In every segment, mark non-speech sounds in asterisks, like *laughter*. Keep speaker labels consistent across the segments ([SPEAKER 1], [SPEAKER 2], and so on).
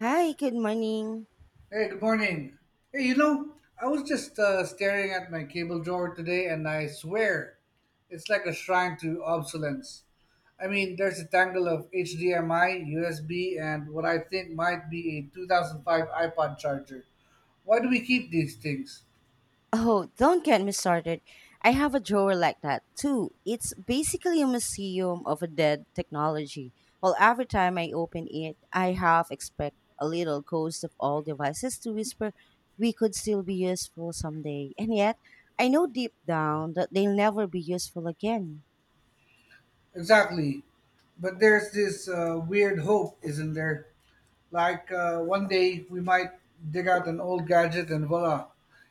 [SPEAKER 1] Hi, good morning.
[SPEAKER 2] Hey, good morning. Hey, you know, I was just staring at my cable drawer today, and I swear it's like a shrine to obsolescence. I mean, there's a tangle of HDMI, USB, and what I think might be a 2005 iPod charger. Why do we keep these things?
[SPEAKER 1] Oh, don't get me started. I have a drawer like that too. It's basically a museum of a dead technology. Well, every time I open it, I half expect a little ghost of all devices to whisper, "We could still be useful someday." And yet, I know deep down that they'll never be useful again.
[SPEAKER 2] Exactly. But there's this weird hope, isn't there? Like one day we might dig out an old gadget and voila,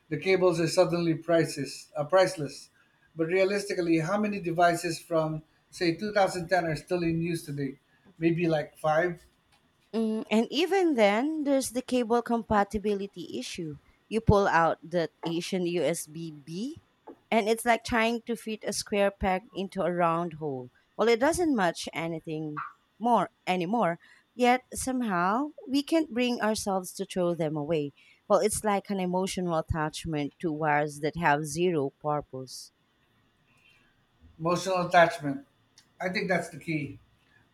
[SPEAKER 2] the cables are suddenly priceless. But realistically, how many devices from say 2010 are still in use today? Maybe like five.
[SPEAKER 1] Mm, and even then, there's the cable compatibility issue. You pull out that Asian USB B, and it's like trying to fit a square peg into a round hole. Well, it doesn't match anything more anymore. Yet somehow we can't bring ourselves to throw them away. Well, it's like an emotional attachment to wires that have zero purpose.
[SPEAKER 2] Emotional attachment. I think that's the key.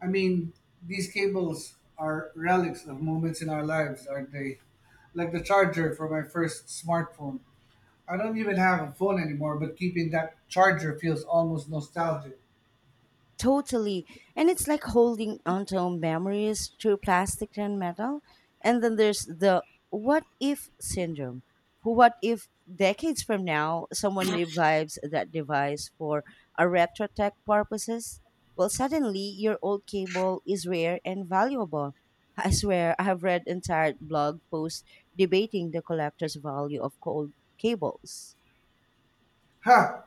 [SPEAKER 2] I mean, these cables are relics of moments in our lives, aren't they? Like the charger for my first smartphone. I don't even have a phone anymore, but keeping that charger feels almost nostalgic.
[SPEAKER 1] Totally. And it's like holding onto memories through plastic and metal. And then there's the what if syndrome. What if decades from now someone revives that device for a retro tech purposes? Well, suddenly your old cable is rare and valuable. *laughs* I swear, I have read entire blog posts debating the collector's value of cold cables.
[SPEAKER 2] Ha!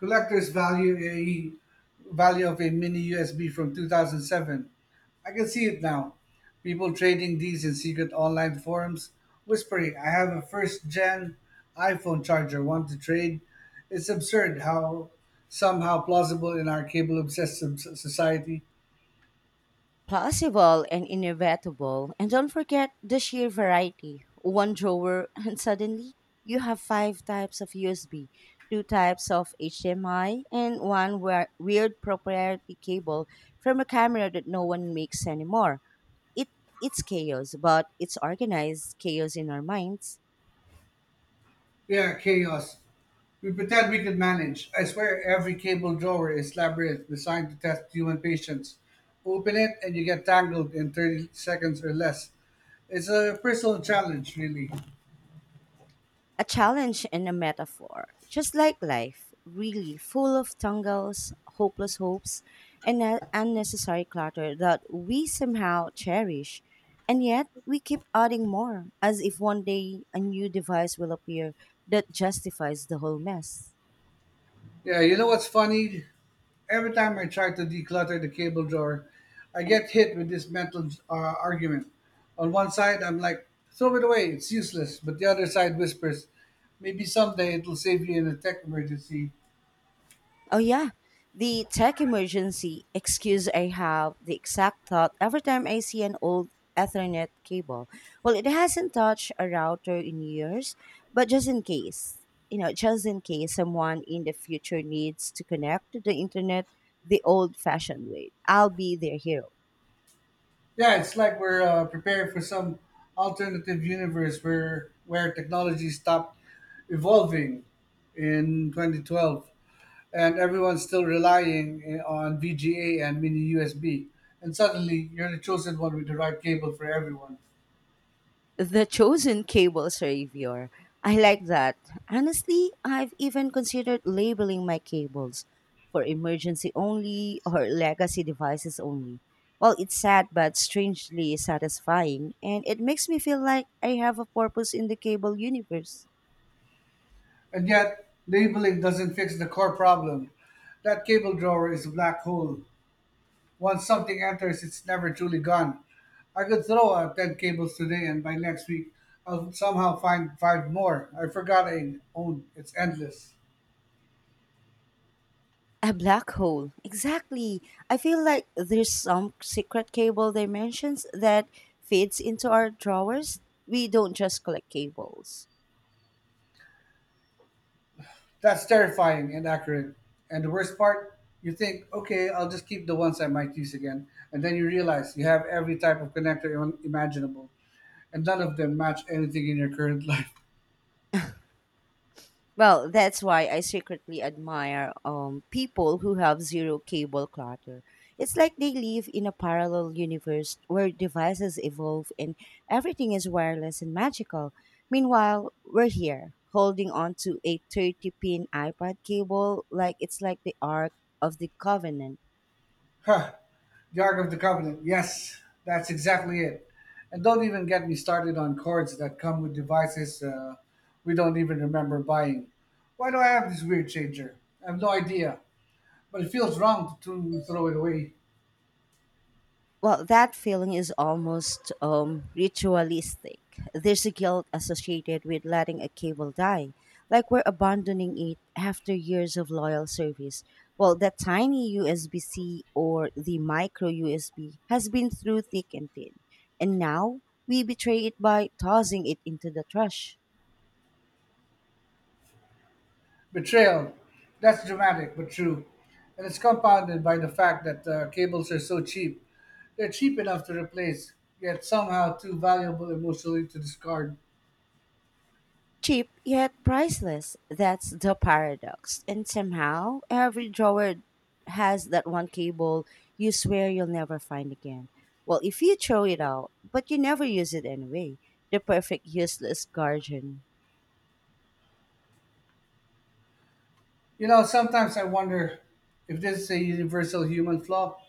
[SPEAKER 2] Collector's value of a mini USB from 2007. I can see it now. People trading these in secret online forums, whispering, "I have a first gen iPhone charger. Want to trade?" It's absurd how somehow plausible in our cable obsessed society.
[SPEAKER 1] Plausible and inevitable. And don't forget the sheer variety. One drawer, and suddenly you have five types of USB, two types of HDMI, and weird proprietary cable from a camera that no one makes anymore. It it's chaos, but it's organized chaos in our minds.
[SPEAKER 2] We are chaos. We pretend we could manage. I swear every cable drawer is labyrinth designed to test human patience. Open it and you get tangled in 30 seconds or less. It's a personal challenge, really.
[SPEAKER 1] A challenge and a metaphor. Just like life, really full of tangles, hopeless hopes, and unnecessary clutter that we somehow cherish. And yet, we keep adding more, as if one day a new device will appear that justifies the whole mess.
[SPEAKER 2] Yeah, you know what's funny? Every time I try to declutter the cable drawer, I get hit with this mental argument. On one side, I'm like, throw it away, it's useless. But the other side whispers, maybe someday it'll save you in a tech emergency.
[SPEAKER 1] Oh yeah, the tech emergency excuse. I have the exact thought every time I see an old Ethernet cable. Well, it hasn't touched a router in years, but just in case, you know, just in case someone in the future needs to connect to the internet the old-fashioned way, I'll be their hero.
[SPEAKER 2] Yeah, it's like we're preparing for some alternative universe where technology stopped evolving in 2012 and everyone's still relying on VGA and mini USB. And suddenly you're the chosen one with the right cable for everyone.
[SPEAKER 1] The chosen cable savior. I like that. Honestly, I've even considered labeling my cables for emergency only or legacy devices only. Well, it's sad but strangely satisfying, and it makes me feel like I have a purpose in the cable universe.
[SPEAKER 2] And yet, labeling doesn't fix the core problem. That cable drawer is a black hole. Once something enters, it's never truly gone. I could throw out 10 cables today, and by next week, I'll somehow find five more. I forgot I owned. It's endless.
[SPEAKER 1] A black hole. Exactly. I feel like there's some secret cable dimensions that fits into our drawers. We don't just collect cables.
[SPEAKER 2] That's terrifying and accurate. And the worst part, you think, okay, I'll just keep the ones I might use again. And then you realize you have every type of connector imaginable, and none of them match anything in your current *laughs* life.
[SPEAKER 1] Well, that's why I secretly admire people who have zero cable clutter. It's like they live in a parallel universe where devices evolve and everything is wireless and magical. Meanwhile, we're here holding on to a 30 pin iPad cable like it's like the Ark of the Covenant.
[SPEAKER 2] Huh. The Ark of the Covenant. Yes, that's exactly it. And don't even get me started on cords that come with devices we don't even remember buying. Why do I have this weird changer? I have no idea, but it feels wrong to throw it away.
[SPEAKER 1] Well, that feeling is almost ritualistic. There's a guilt associated with letting a cable die, like we're abandoning it after years of loyal service. Well, that tiny USB C or the micro USB has been through thick and thin, and now we betray it by tossing it into the trash.
[SPEAKER 2] Betrayal. That's dramatic, but true. And it's compounded by the fact that cables are so cheap. They're cheap enough to replace, yet somehow too valuable emotionally to discard.
[SPEAKER 1] Cheap yet priceless. That's the paradox. And somehow, every drawer has that one cable you swear you'll never find again. Well, if you throw it out, but you never use it anyway. The perfect useless guardian.
[SPEAKER 2] You know, sometimes I wonder if this is a universal human flaw.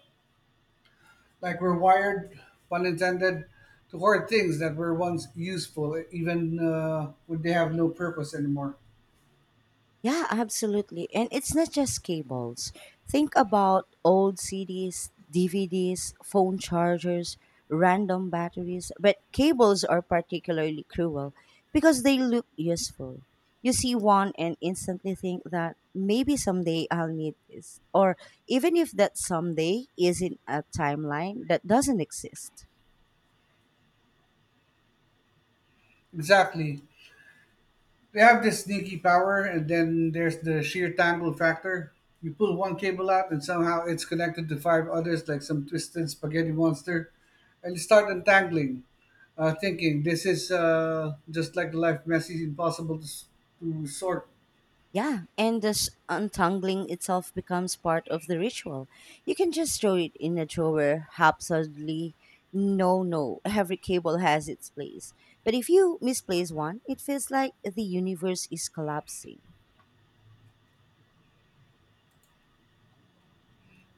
[SPEAKER 2] Like we're wired, pun intended, to hoard things that were once useful, even when they have no purpose anymore.
[SPEAKER 1] Yeah, absolutely. And it's not just cables. Think about old CDs, DVDs, phone chargers, random batteries. But cables are particularly cruel because they look useful. You see one and instantly think that maybe someday I'll need this. Or even if that someday isn't a timeline that doesn't exist.
[SPEAKER 2] Exactly. They have this sneaky power, and then there's the sheer tangle factor. You pull one cable out, and somehow it's connected to five others like some twisted spaghetti monster. And you start untangling, thinking this is just like life messy, to sort.
[SPEAKER 1] Yeah, and this untangling itself becomes part of the ritual. You can just throw it in a drawer haphazardly. No, *laughs* every cable has its place. But if you misplace one, it feels like the universe is collapsing.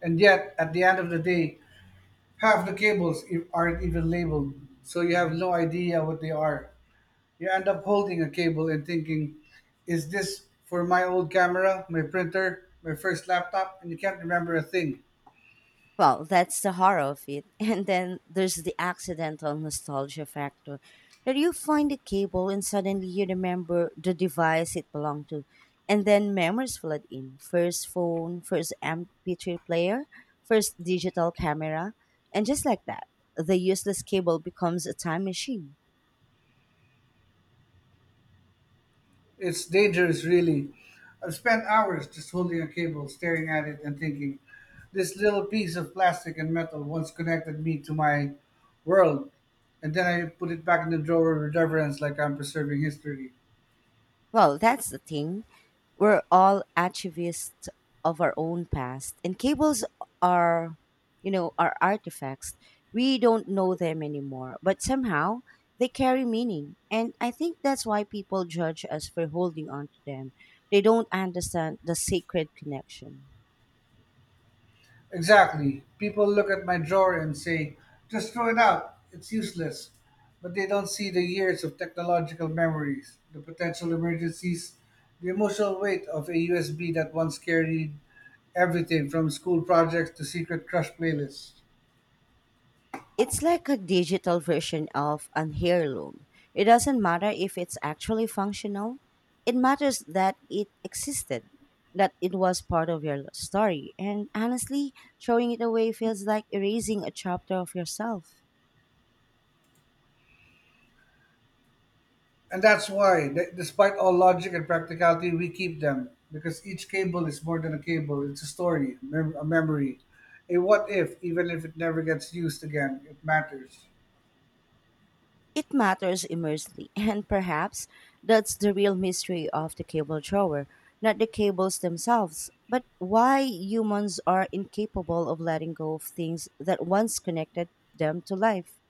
[SPEAKER 2] And yet, at the end of the day, half the aren't even labeled, so you have no idea what they are. You end up holding a cable and thinking, is this for my old camera, my printer, my first laptop? And you can't remember a thing.
[SPEAKER 1] Well, that's the horror of it. *laughs* And then there's the accidental nostalgia factor that you find a cable and suddenly you remember the device it belonged to. And then memories flood in first phone, first MP3 player, first digital camera. And just like that, the useless cable becomes a time machine.
[SPEAKER 2] It's dangerous, really. I've spent hours just holding a cable, staring at it, and thinking, this little piece of plastic and metal once connected me to my world. And then I put it back in the drawer with reverence, like I'm preserving history.
[SPEAKER 1] Well, that's the thing. We're all archivists of our own past, and cables are, you know, are artifacts. We don't know them anymore, but somehow they carry meaning. And I think that's why people judge us for holding on to them. They don't understand the sacred connection.
[SPEAKER 2] Exactly. People look at my drawer and say, just throw it out, it's useless. But they don't see the years of technological memories, the potential emergencies, the emotional weight of a USB that once carried everything from school projects to secret crush playlists.
[SPEAKER 1] It's like a digital version of an heirloom. It doesn't matter if it's actually functional, it matters that it existed, that it was part of your story. And honestly, throwing it away feels like erasing a chapter of yourself.
[SPEAKER 2] And that's why, despite all logic and practicality, we keep them. Because each cable is more than a cable, it's a story, a memory. A what if, even if it never gets used again, it matters.
[SPEAKER 1] It matters immensely, *laughs* and perhaps that's the real mystery of the cable drawer, not the cables themselves, but why humans are incapable of letting go of things that once connected them to life.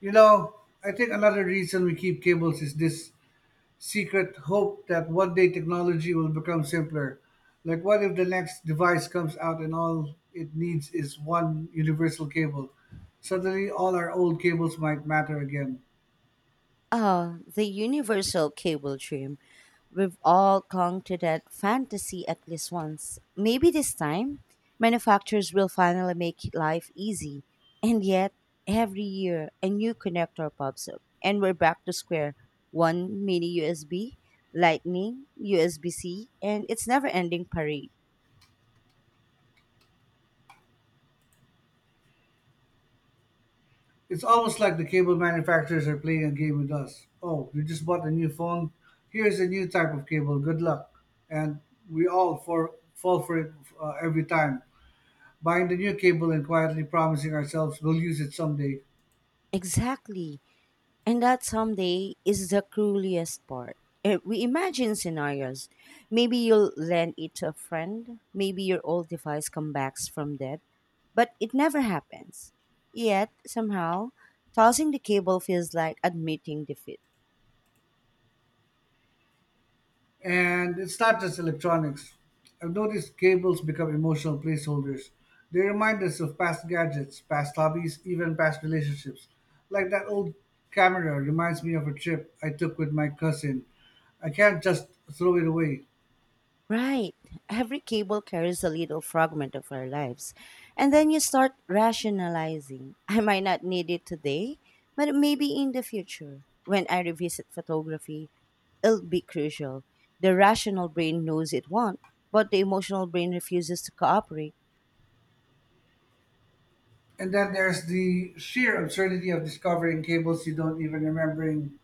[SPEAKER 2] You know, I think another reason we keep cables is this secret hope that one day technology will become simpler. Like, what if the next device comes out and all it needs is one universal cable? Suddenly, all our old cables might matter again.
[SPEAKER 1] Oh, the universal cable dream. We've all clung to that fantasy at least once. Maybe this time, manufacturers will finally make life easy. And yet, every year, a new connector pops up, and we're back to square one mini USB, Lightning, USB C, and it's never ending parade.
[SPEAKER 2] It's almost like the cable manufacturers are playing a game with us. Oh, you just bought a new phone? Here's a new type of cable. Good luck. And we all fall for it every time. Buying the new cable and quietly promising ourselves we'll use it someday.
[SPEAKER 1] Exactly. And that someday is the cruelest part. We imagine scenarios. Maybe you'll lend it to a friend. Maybe your old device comes back from dead. But it never happens. Yet, somehow, tossing the cable feels like admitting defeat.
[SPEAKER 2] And it's not just electronics. I've noticed cables become emotional placeholders. They remind us of past gadgets, past hobbies, even past relationships. Like that old camera reminds me of a trip I took with my cousin. I can't just throw it away.
[SPEAKER 1] Right. Every cable carries a little fragment of our lives. And then you start rationalizing. I might not need it today, but maybe in the future. When I revisit photography, it'll be crucial. The rational brain knows it won't, but the emotional brain refuses to cooperate. *laughs*
[SPEAKER 2] And then there's the sheer absurdity of discovering cables you don't even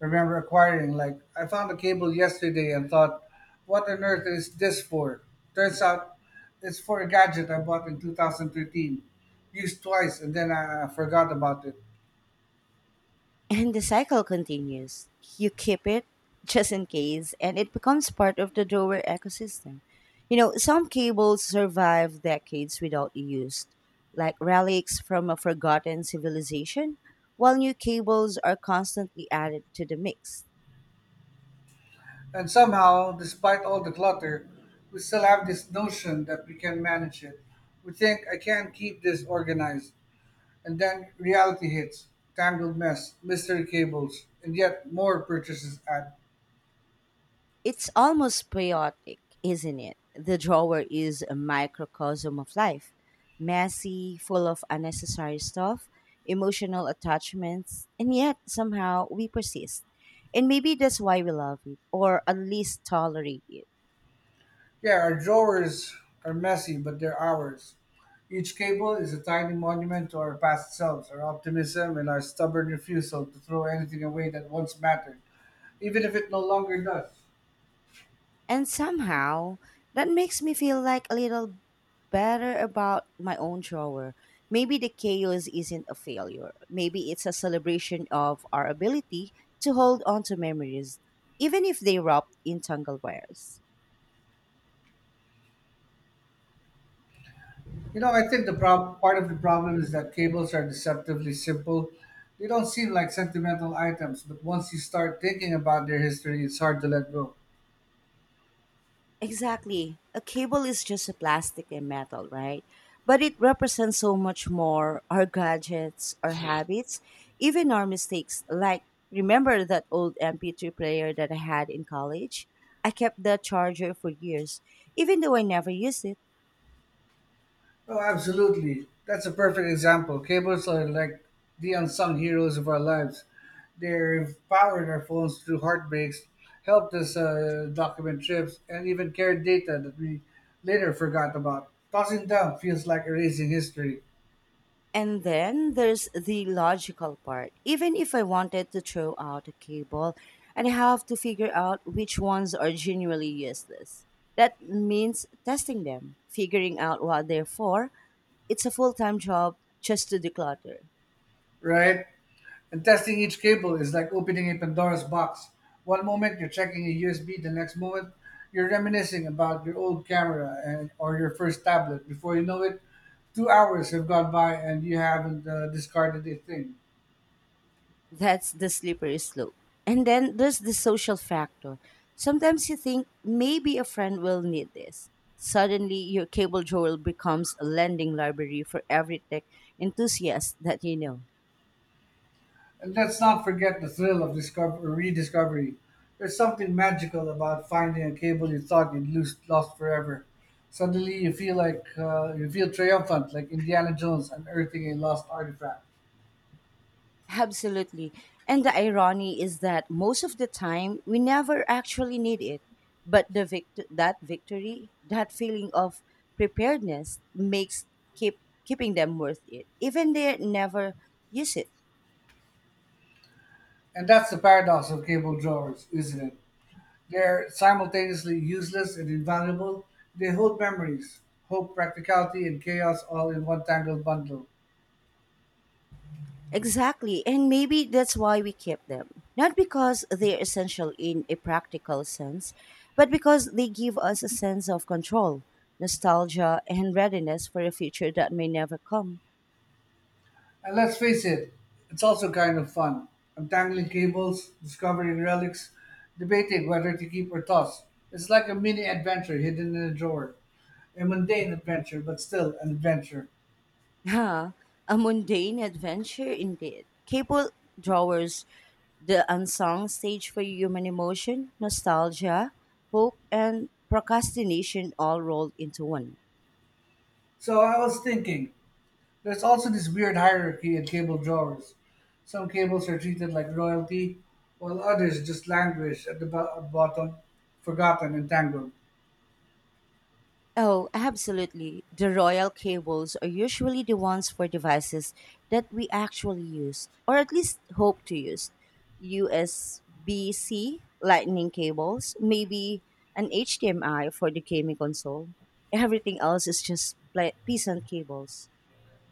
[SPEAKER 2] remember acquiring. Like, I found a cable yesterday and thought, what on earth is this for? Turns out it's for a gadget I bought in 2013, used twice, and then I forgot about it.
[SPEAKER 1] And the cycle continues. You keep it *laughs* just in case, and it becomes part of the drawer ecosystem. You know, some cables survive decades without use, like relics from a forgotten civilization, while new cables are constantly added to the mix.
[SPEAKER 2] And somehow, despite all the clutter, we still have this notion that we can manage it. We think, I can keep this organized. And then reality hits tangled mess, mystery cables, and yet more purchases add
[SPEAKER 1] It's almost poetic, isn't it? The drawer is a microcosm of life messy, full of unnecessary stuff, emotional attachments, and yet somehow we persist. And maybe that's why we love it, or at least tolerate it.
[SPEAKER 2] Yeah, our drawers are messy, but they're ours. Each cable is a tiny monument to our past selves, our optimism, and our stubborn refusal to throw anything away that once mattered, even if it no longer does.
[SPEAKER 1] And somehow that makes me feel like a little better about my own shower. Maybe the chaos isn't a failure. Maybe it's a celebration of our ability to hold on to memories, even if they wrapped in tangled wires.
[SPEAKER 2] You know, I think the part of the problem is that cables are deceptively simple. They don't seem like sentimental items, but once you start thinking about their history, it's hard to let go.
[SPEAKER 1] Exactly. A cable is just a plastic and metal, right? But it represents so much more our gadgets, our habits, even our mistakes. Like, remember that old MP3 player that I had in college? I kept the charger for years, even though I never used it.
[SPEAKER 2] Oh, absolutely. That's a perfect example. Cables are like the unsung heroes of our lives. They've powered our phones through heartbreaks, helped us document trips, and even carried data that we later forgot about. Tossing them feels like erasing history,
[SPEAKER 1] And then there's the logical part. Even if I wanted to throw out a cable, I'd have to figure out which ones are genuinely useless. That means testing them, figuring out what they're for. It's a full time job just to declutter.
[SPEAKER 2] right? And testing each cable is like opening a Pandora's box. One moment you're checking a USB, the next moment you're reminiscing about your old camera and or your first tablet. Before you know it, 2 hours have gone by and you haven't discarded a thing.
[SPEAKER 1] That's the slippery slope. And then there's the social factor. Sometimes you think maybe a friend will need this. Suddenly, your cable drawer becomes a lending library for every tech enthusiast that you know.
[SPEAKER 2] And let's not forget the thrill of rediscovery. There's something magical about finding a cable you thought lost forever. Suddenly, you feel like you feel triumphant, like Indiana Jones unearthing a lost artifact.
[SPEAKER 1] Absolutely. And the irony is that most of the time we never actually need it. But the that victory, that feeling of preparedness makes keep keeping them worth it. Even they never use it.
[SPEAKER 2] And that's the paradox of cable drawers, isn't it? They're simultaneously useless and invaluable. They hold memories, hope, practicality, and chaos all in one tangled bundle.
[SPEAKER 1] Exactly. And maybe that's why we keep them. Not because they're essential in a practical sense, but because they give us a sense of control, nostalgia, and readiness for a future that may never come.
[SPEAKER 2] And let's face it, it's also kind of fun. Untangling cables, discovering relics, debating whether to keep or toss. It's like a mini adventure hidden in a drawer. A mundane adventure, but still an adventure.
[SPEAKER 1] Yeah, a mundane adventure indeed. Cable drawers the unsung stage for human emotion, nostalgia, hope, and procrastination all rolled into one.
[SPEAKER 2] So I was thinking, there's also this weird hierarchy in cable drawers. Some cables are treated like royalty, while others just languish at the bottom, forgotten and tangled.
[SPEAKER 1] Oh, absolutely. The royal cables are usually the ones for devices that we actually use, or at least hope to use. USB C lightning cables, maybe an HDMI for the gaming console. Everything else is just peasant cables.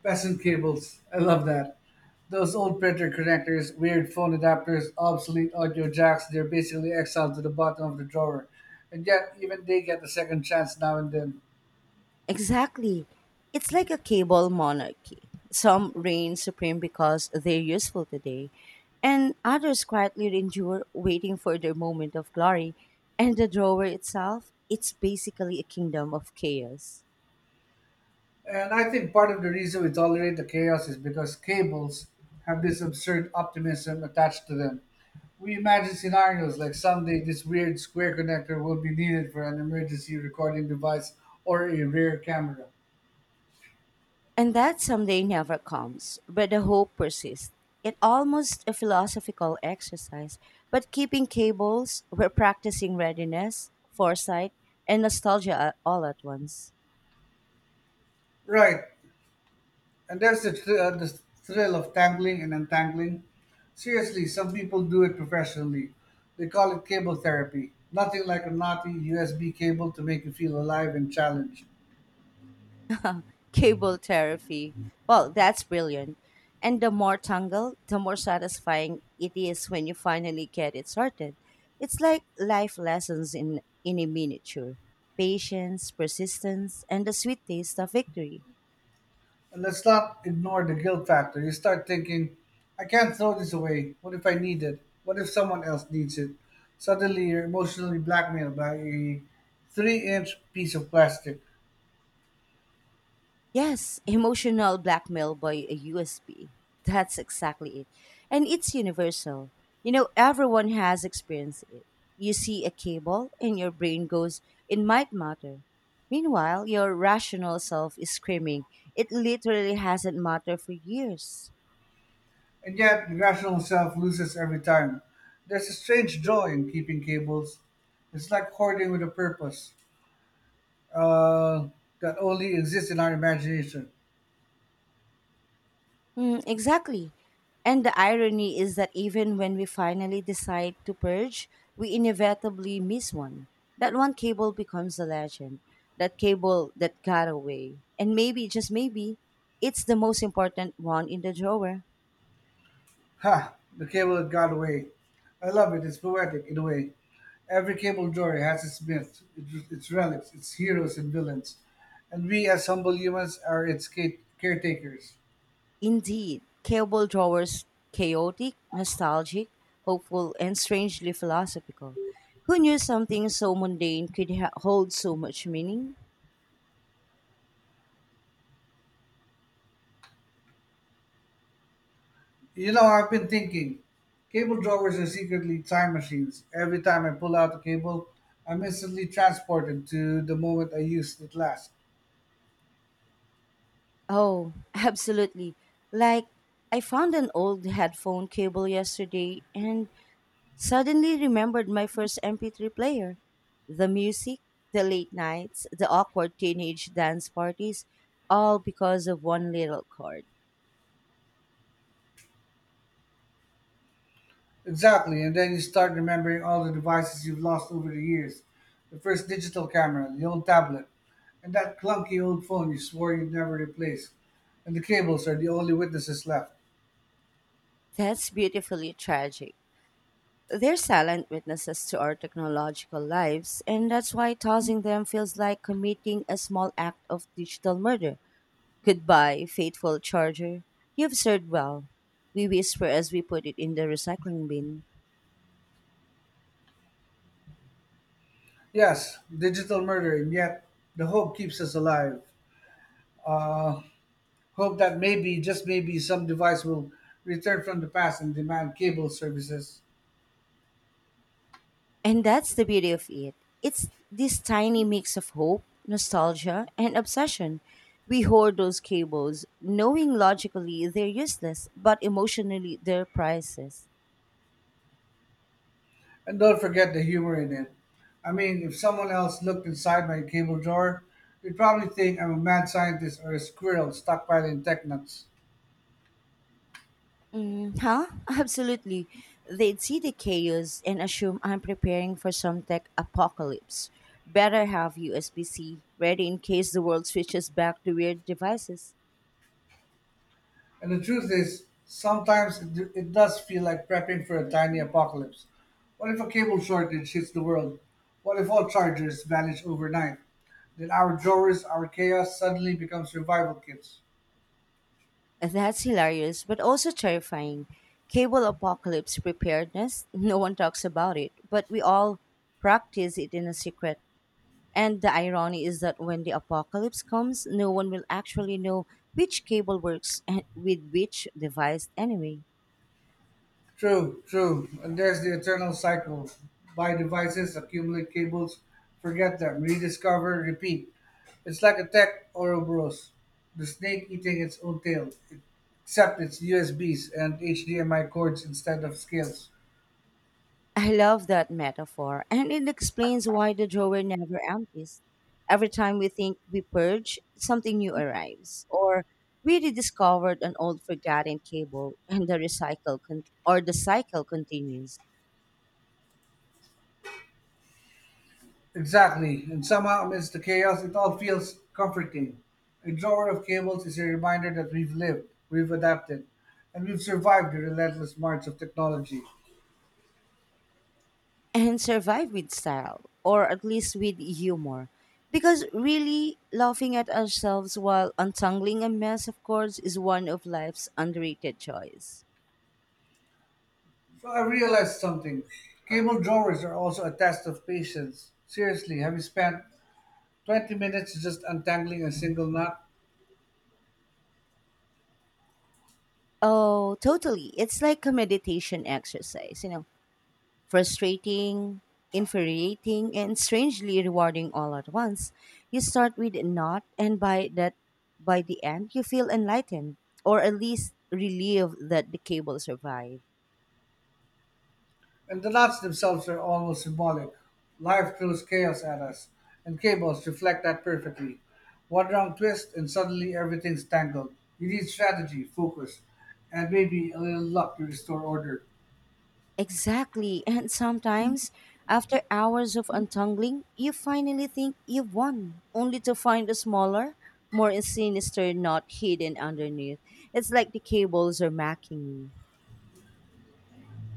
[SPEAKER 2] Peasant cables, I love that. Those old printer connectors, weird phone adapters, obsolete audio jacks, they're basically exiled to the bottom of the drawer. And yet, even they get a second chance now and then.
[SPEAKER 1] Exactly. It's like a cable monarchy. Some reign supreme because they're useful today, and others quietly endure, waiting for their moment of glory. And the drawer itself, it's basically a kingdom of chaos.
[SPEAKER 2] And I think part of the reason we tolerate the chaos is because cables have this absurd optimism attached to them. We imagine scenarios like someday this weird square connector will be needed for an emergency recording device or a rear camera.
[SPEAKER 1] And that someday never comes, but the hope persists. It almost a philosophical exercise, but keeping cables, we're practicing readiness, foresight, and nostalgia all at once.
[SPEAKER 2] Right, and there's the thrill of tangling and untangling. Seriously, some people do it professionally. They call it cable therapy. Nothing like a knotty USB cable to make you feel alive and challenged.
[SPEAKER 1] *laughs* Cable therapy. Well, that's brilliant. And the more tangled, the more satisfying it is when you finally get it sorted. It's like life lessons in a miniature patience, persistence, and the sweet taste of victory.
[SPEAKER 2] And let's not ignore the guilt factor. You start thinking, I can't throw this away. What if I need it? What if someone else needs it? Suddenly, you're emotionally blackmailed by a 3 inch piece of plastic.
[SPEAKER 1] Yes, emotional blackmail by a USB. That's exactly it. And it's universal. You know, everyone has experienced it. You see a cable and your brain goes, it might matter. Meanwhile, your rational self is screaming, it literally hasn't mattered for years.
[SPEAKER 2] And yet, the rational self loses every time. There's a strange joy in keeping cables. It's like hoarding with a purpose uh, that only exists in our imagination.
[SPEAKER 1] Mm, exactly. And the irony is that even when we finally decide to purge, we inevitably miss one. That one cable becomes a legend. That cable that got away. And maybe, just maybe, it's the most important one in the drawer.
[SPEAKER 2] Ha! The cable had got away. I love it. It's poetic in a way. Every cable story has its myth, its relics, its heroes and villains, and we as humble humans are its caretakers.
[SPEAKER 1] Indeed, cable drawers chaotic, nostalgic, hopeful, and strangely philosophical. Who knew something so mundane could hold so much meaning?
[SPEAKER 2] You know, I've been thinking, cable drawers are secretly time machines. Every time I pull out a cable, I'm instantly transported to the moment I used it last.
[SPEAKER 1] Oh, *laughs* absolutely. Like, I found an old headphone cable yesterday and suddenly remembered my first MP3 player. The music, the late nights, the awkward teenage dance parties, all because of one little chord.
[SPEAKER 2] Exactly, and then you start remembering all the devices you've lost over the years. The first digital camera, the old tablet, and that clunky old phone you swore you'd never replace. And the cables are the only witnesses left.
[SPEAKER 1] That's beautifully tragic. They're silent witnesses to our technological lives, and that's why tossing them feels like committing a small act of digital murder. Goodbye, faithful charger. You've served well, we whisper as we put it in the recycling bin.
[SPEAKER 2] Yes, digital murder, and yet the hope keeps us alive. Uh, Hope that maybe, just maybe, some device will return from the past and demand cable services.
[SPEAKER 1] And that's the beauty of it. It's this tiny mix of hope, nostalgia, and obsession. We hoard those cables, knowing logically they're useless, but emotionally they're priceless.
[SPEAKER 2] And don't forget the humor in it. I mean, if someone else looked inside my cable drawer, they'd probably think I'm a mad scientist or a squirrel stockpiling tech nuts.
[SPEAKER 1] Mm, huh? Absolutely. They'd see the chaos and assume I'm preparing for some tech apocalypse. Better have USB C ready in case the world switches back to weird devices.
[SPEAKER 2] And the truth is, sometimes it does feel like prepping for a tiny apocalypse. What if a cable shortage hits the world? What if all chargers vanish overnight? Then our drawers, our chaos suddenly becomes survival kits.
[SPEAKER 1] That's hilarious, but also terrifying. Cable apocalypse preparedness, no one talks about it, but we all practice it in a secret. And the irony is that when the apocalypse comes, no one will actually know which cable works and with which device anyway.
[SPEAKER 2] True. And there's the eternal cycle. Buy devices, accumulate cables, forget them, rediscover, repeat. It's like a tech Ouroboros, the snake eating its own tail, except it's USBs and HDMI cords instead of scales.
[SPEAKER 1] I love that metaphor, and it explains why the drawer never empties. Every time we think we purge, something new arrives, or we rediscovered an old forgotten cable, and the recycle con- or the cycle continues.
[SPEAKER 2] Exactly, and somehow amidst the chaos, it all feels comforting. A drawer of cables is a reminder that we've lived, we've adapted, and we've survived the relentless march of technology.
[SPEAKER 1] And survive with style, or at least with humor, because really laughing at ourselves while untangling a mess of cords is one of life's underrated joys.
[SPEAKER 2] So I realized something. Cable drawers are also a test of patience. Seriously, have you spent 20 minutes just untangling a single knot?
[SPEAKER 1] Oh, totally! It's like a meditation exercise, you know, frustrating, infuriating, and strangely rewarding all at once. You start with a knot, and by the end, you feel enlightened, or at least relieved that the cable survived.
[SPEAKER 2] And the knots themselves are almost symbolic. Life throws chaos at us, and cables reflect that perfectly. One wrong twist, and suddenly everything's tangled. You need strategy, focus, and maybe a little luck to restore order.
[SPEAKER 1] Exactly, and sometimes, after hours of untangling, you finally think you've won, only to find a smaller, more sinister knot hidden underneath. It's like the cables are mocking you.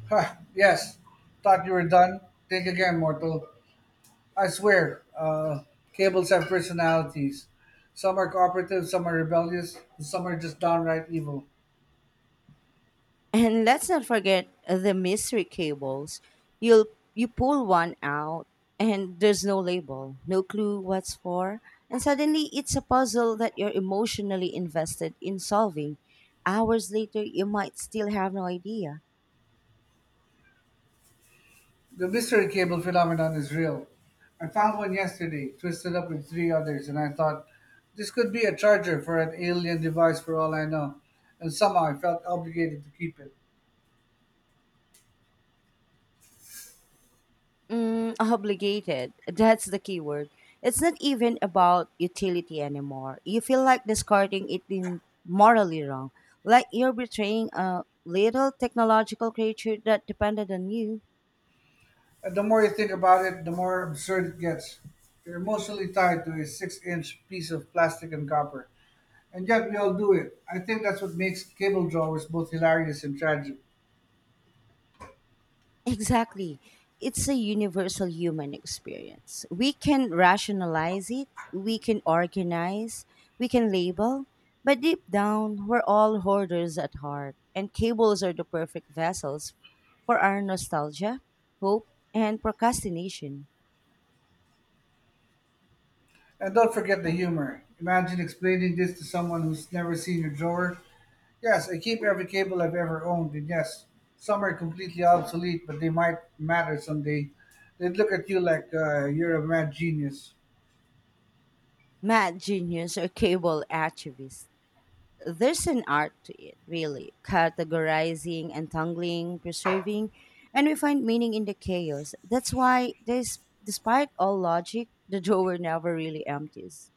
[SPEAKER 2] Ha! Yes. Thought you were done? Think again, mortal. I swear, cables have personalities. Some are cooperative, some are rebellious, and some are just downright evil.
[SPEAKER 1] And let's not forget the mystery cables. You'll you pull one out and there's no label, no clue what's for, and suddenly it's a puzzle that you're emotionally invested in solving. Hours later, you might still have no idea.
[SPEAKER 2] The mystery cable phenomenon is real. I found one yesterday, twisted up with three others, and I thought this could be a charger for an alien device for all I know, and somehow I felt obligated to keep it.
[SPEAKER 1] Mm, obligated. That's the key word. It's not even about utility anymore. You feel like discarding it in morally wrong, like you're betraying a little technological creature that depended on you.
[SPEAKER 2] And the more you think about it, the more absurd it gets. You're emotionally tied to a six-inch piece of plastic and copper, and yet we all do it. I think that's what makes cable drawers both hilarious and tragic.
[SPEAKER 1] Exactly. It's a universal human experience. We can rationalize it, we can organize, we can label, but deep down, we're all hoarders at heart, and cables are the perfect vessels for our nostalgia, hope, and procrastination.
[SPEAKER 2] And don't forget the humor. Imagine explaining this to someone who's never seen your drawer. Yes, I keep every cable I've ever owned, and yes, some are completely obsolete, but they might matter someday. They'd look at you like you're a mad genius.
[SPEAKER 1] Mad genius or cable activist. There's an art to it, really. Categorizing, untangling, preserving, and we find meaning in the chaos. That's why, despite all logic, the *laughs* drawer never really empties.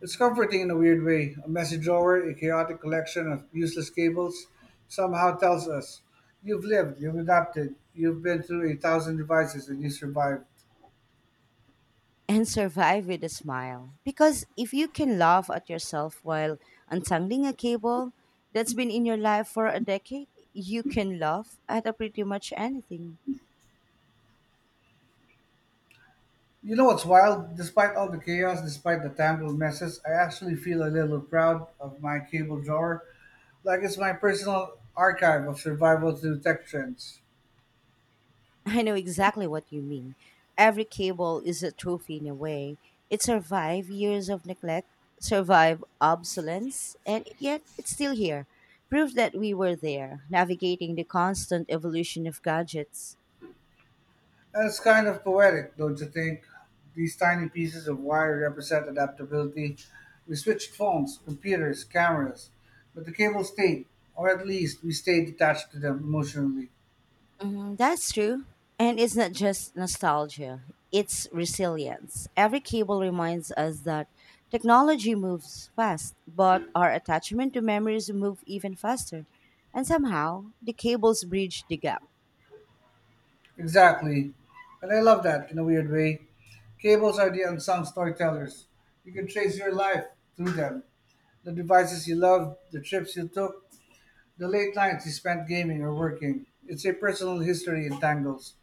[SPEAKER 2] It's comforting in a weird way. A messy drawer, a chaotic collection of useless cables, somehow tells us you've lived, you've adapted, you've been through a thousand devices, and you survived.
[SPEAKER 1] And survive with a smile. Because if you can laugh at yourself while untangling a cable that's been in your life for a decade, you can laugh at a pretty much anything.
[SPEAKER 2] You know what's wild? Despite all the chaos, despite the tangled messes, I actually feel a little proud of my cable drawer. Black is my personal archive of survival through tech trends.
[SPEAKER 1] I know exactly what you mean. Every cable is a trophy in a way. It survived years of neglect, survived obsolescence, and yet it's still here. Proof that we were there, navigating the constant evolution of gadgets.
[SPEAKER 2] And it's kind of poetic, don't you think? These tiny pieces of wire represent adaptability. We switched phones, computers, cameras, but the cable stayed, or at least we stayed attached to them emotionally.
[SPEAKER 1] Mm, that's true. And it's not just nostalgia, it's resilience. Every cable reminds us that technology moves fast, but our attachment to memories move even faster. And somehow, the cables bridge the gap.
[SPEAKER 2] Exactly. And I love that in a weird way. Cables are the unsung storytellers. You can trace your life through them. The devices you loved, the trips you took, the late nights he spent gaming or working. It's a personal history in tangles.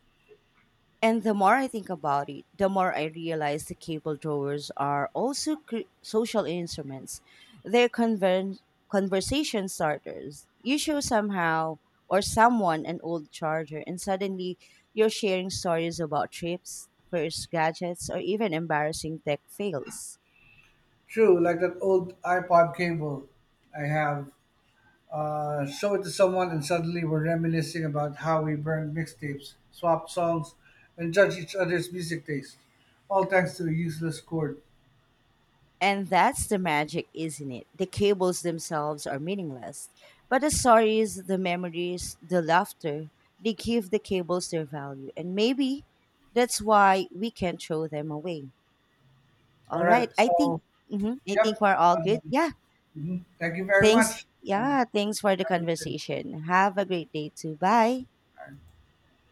[SPEAKER 1] And the more I think about it, the more I realize the cable drawers are also social instruments. They're conver- conversation starters. You show somehow or someone an old charger, and suddenly you're sharing stories about trips, first gadgets, or even embarrassing tech fails.
[SPEAKER 2] True, like that old iPod cable I have. Show it to someone and suddenly we're reminiscing about how we burned mixtapes, swapped songs, and judged each other's music taste. All thanks to a useless chord.
[SPEAKER 1] And that's the magic, isn't it? The cables themselves are meaningless, but the stories, the memories, the laughter, they give the cables their value. And maybe that's why we can't throw them away.
[SPEAKER 2] All
[SPEAKER 1] All
[SPEAKER 2] right,
[SPEAKER 1] right. I think
[SPEAKER 2] so,
[SPEAKER 1] Mhm, I think
[SPEAKER 2] yep.
[SPEAKER 1] we're all good.
[SPEAKER 2] Um,
[SPEAKER 1] Yeah.
[SPEAKER 2] mhm. Thank you very
[SPEAKER 1] Thanks.
[SPEAKER 2] much. And
[SPEAKER 1] Yeah, thanks for the
[SPEAKER 2] have a good day.
[SPEAKER 1] conversation. Have a great day too. Bye.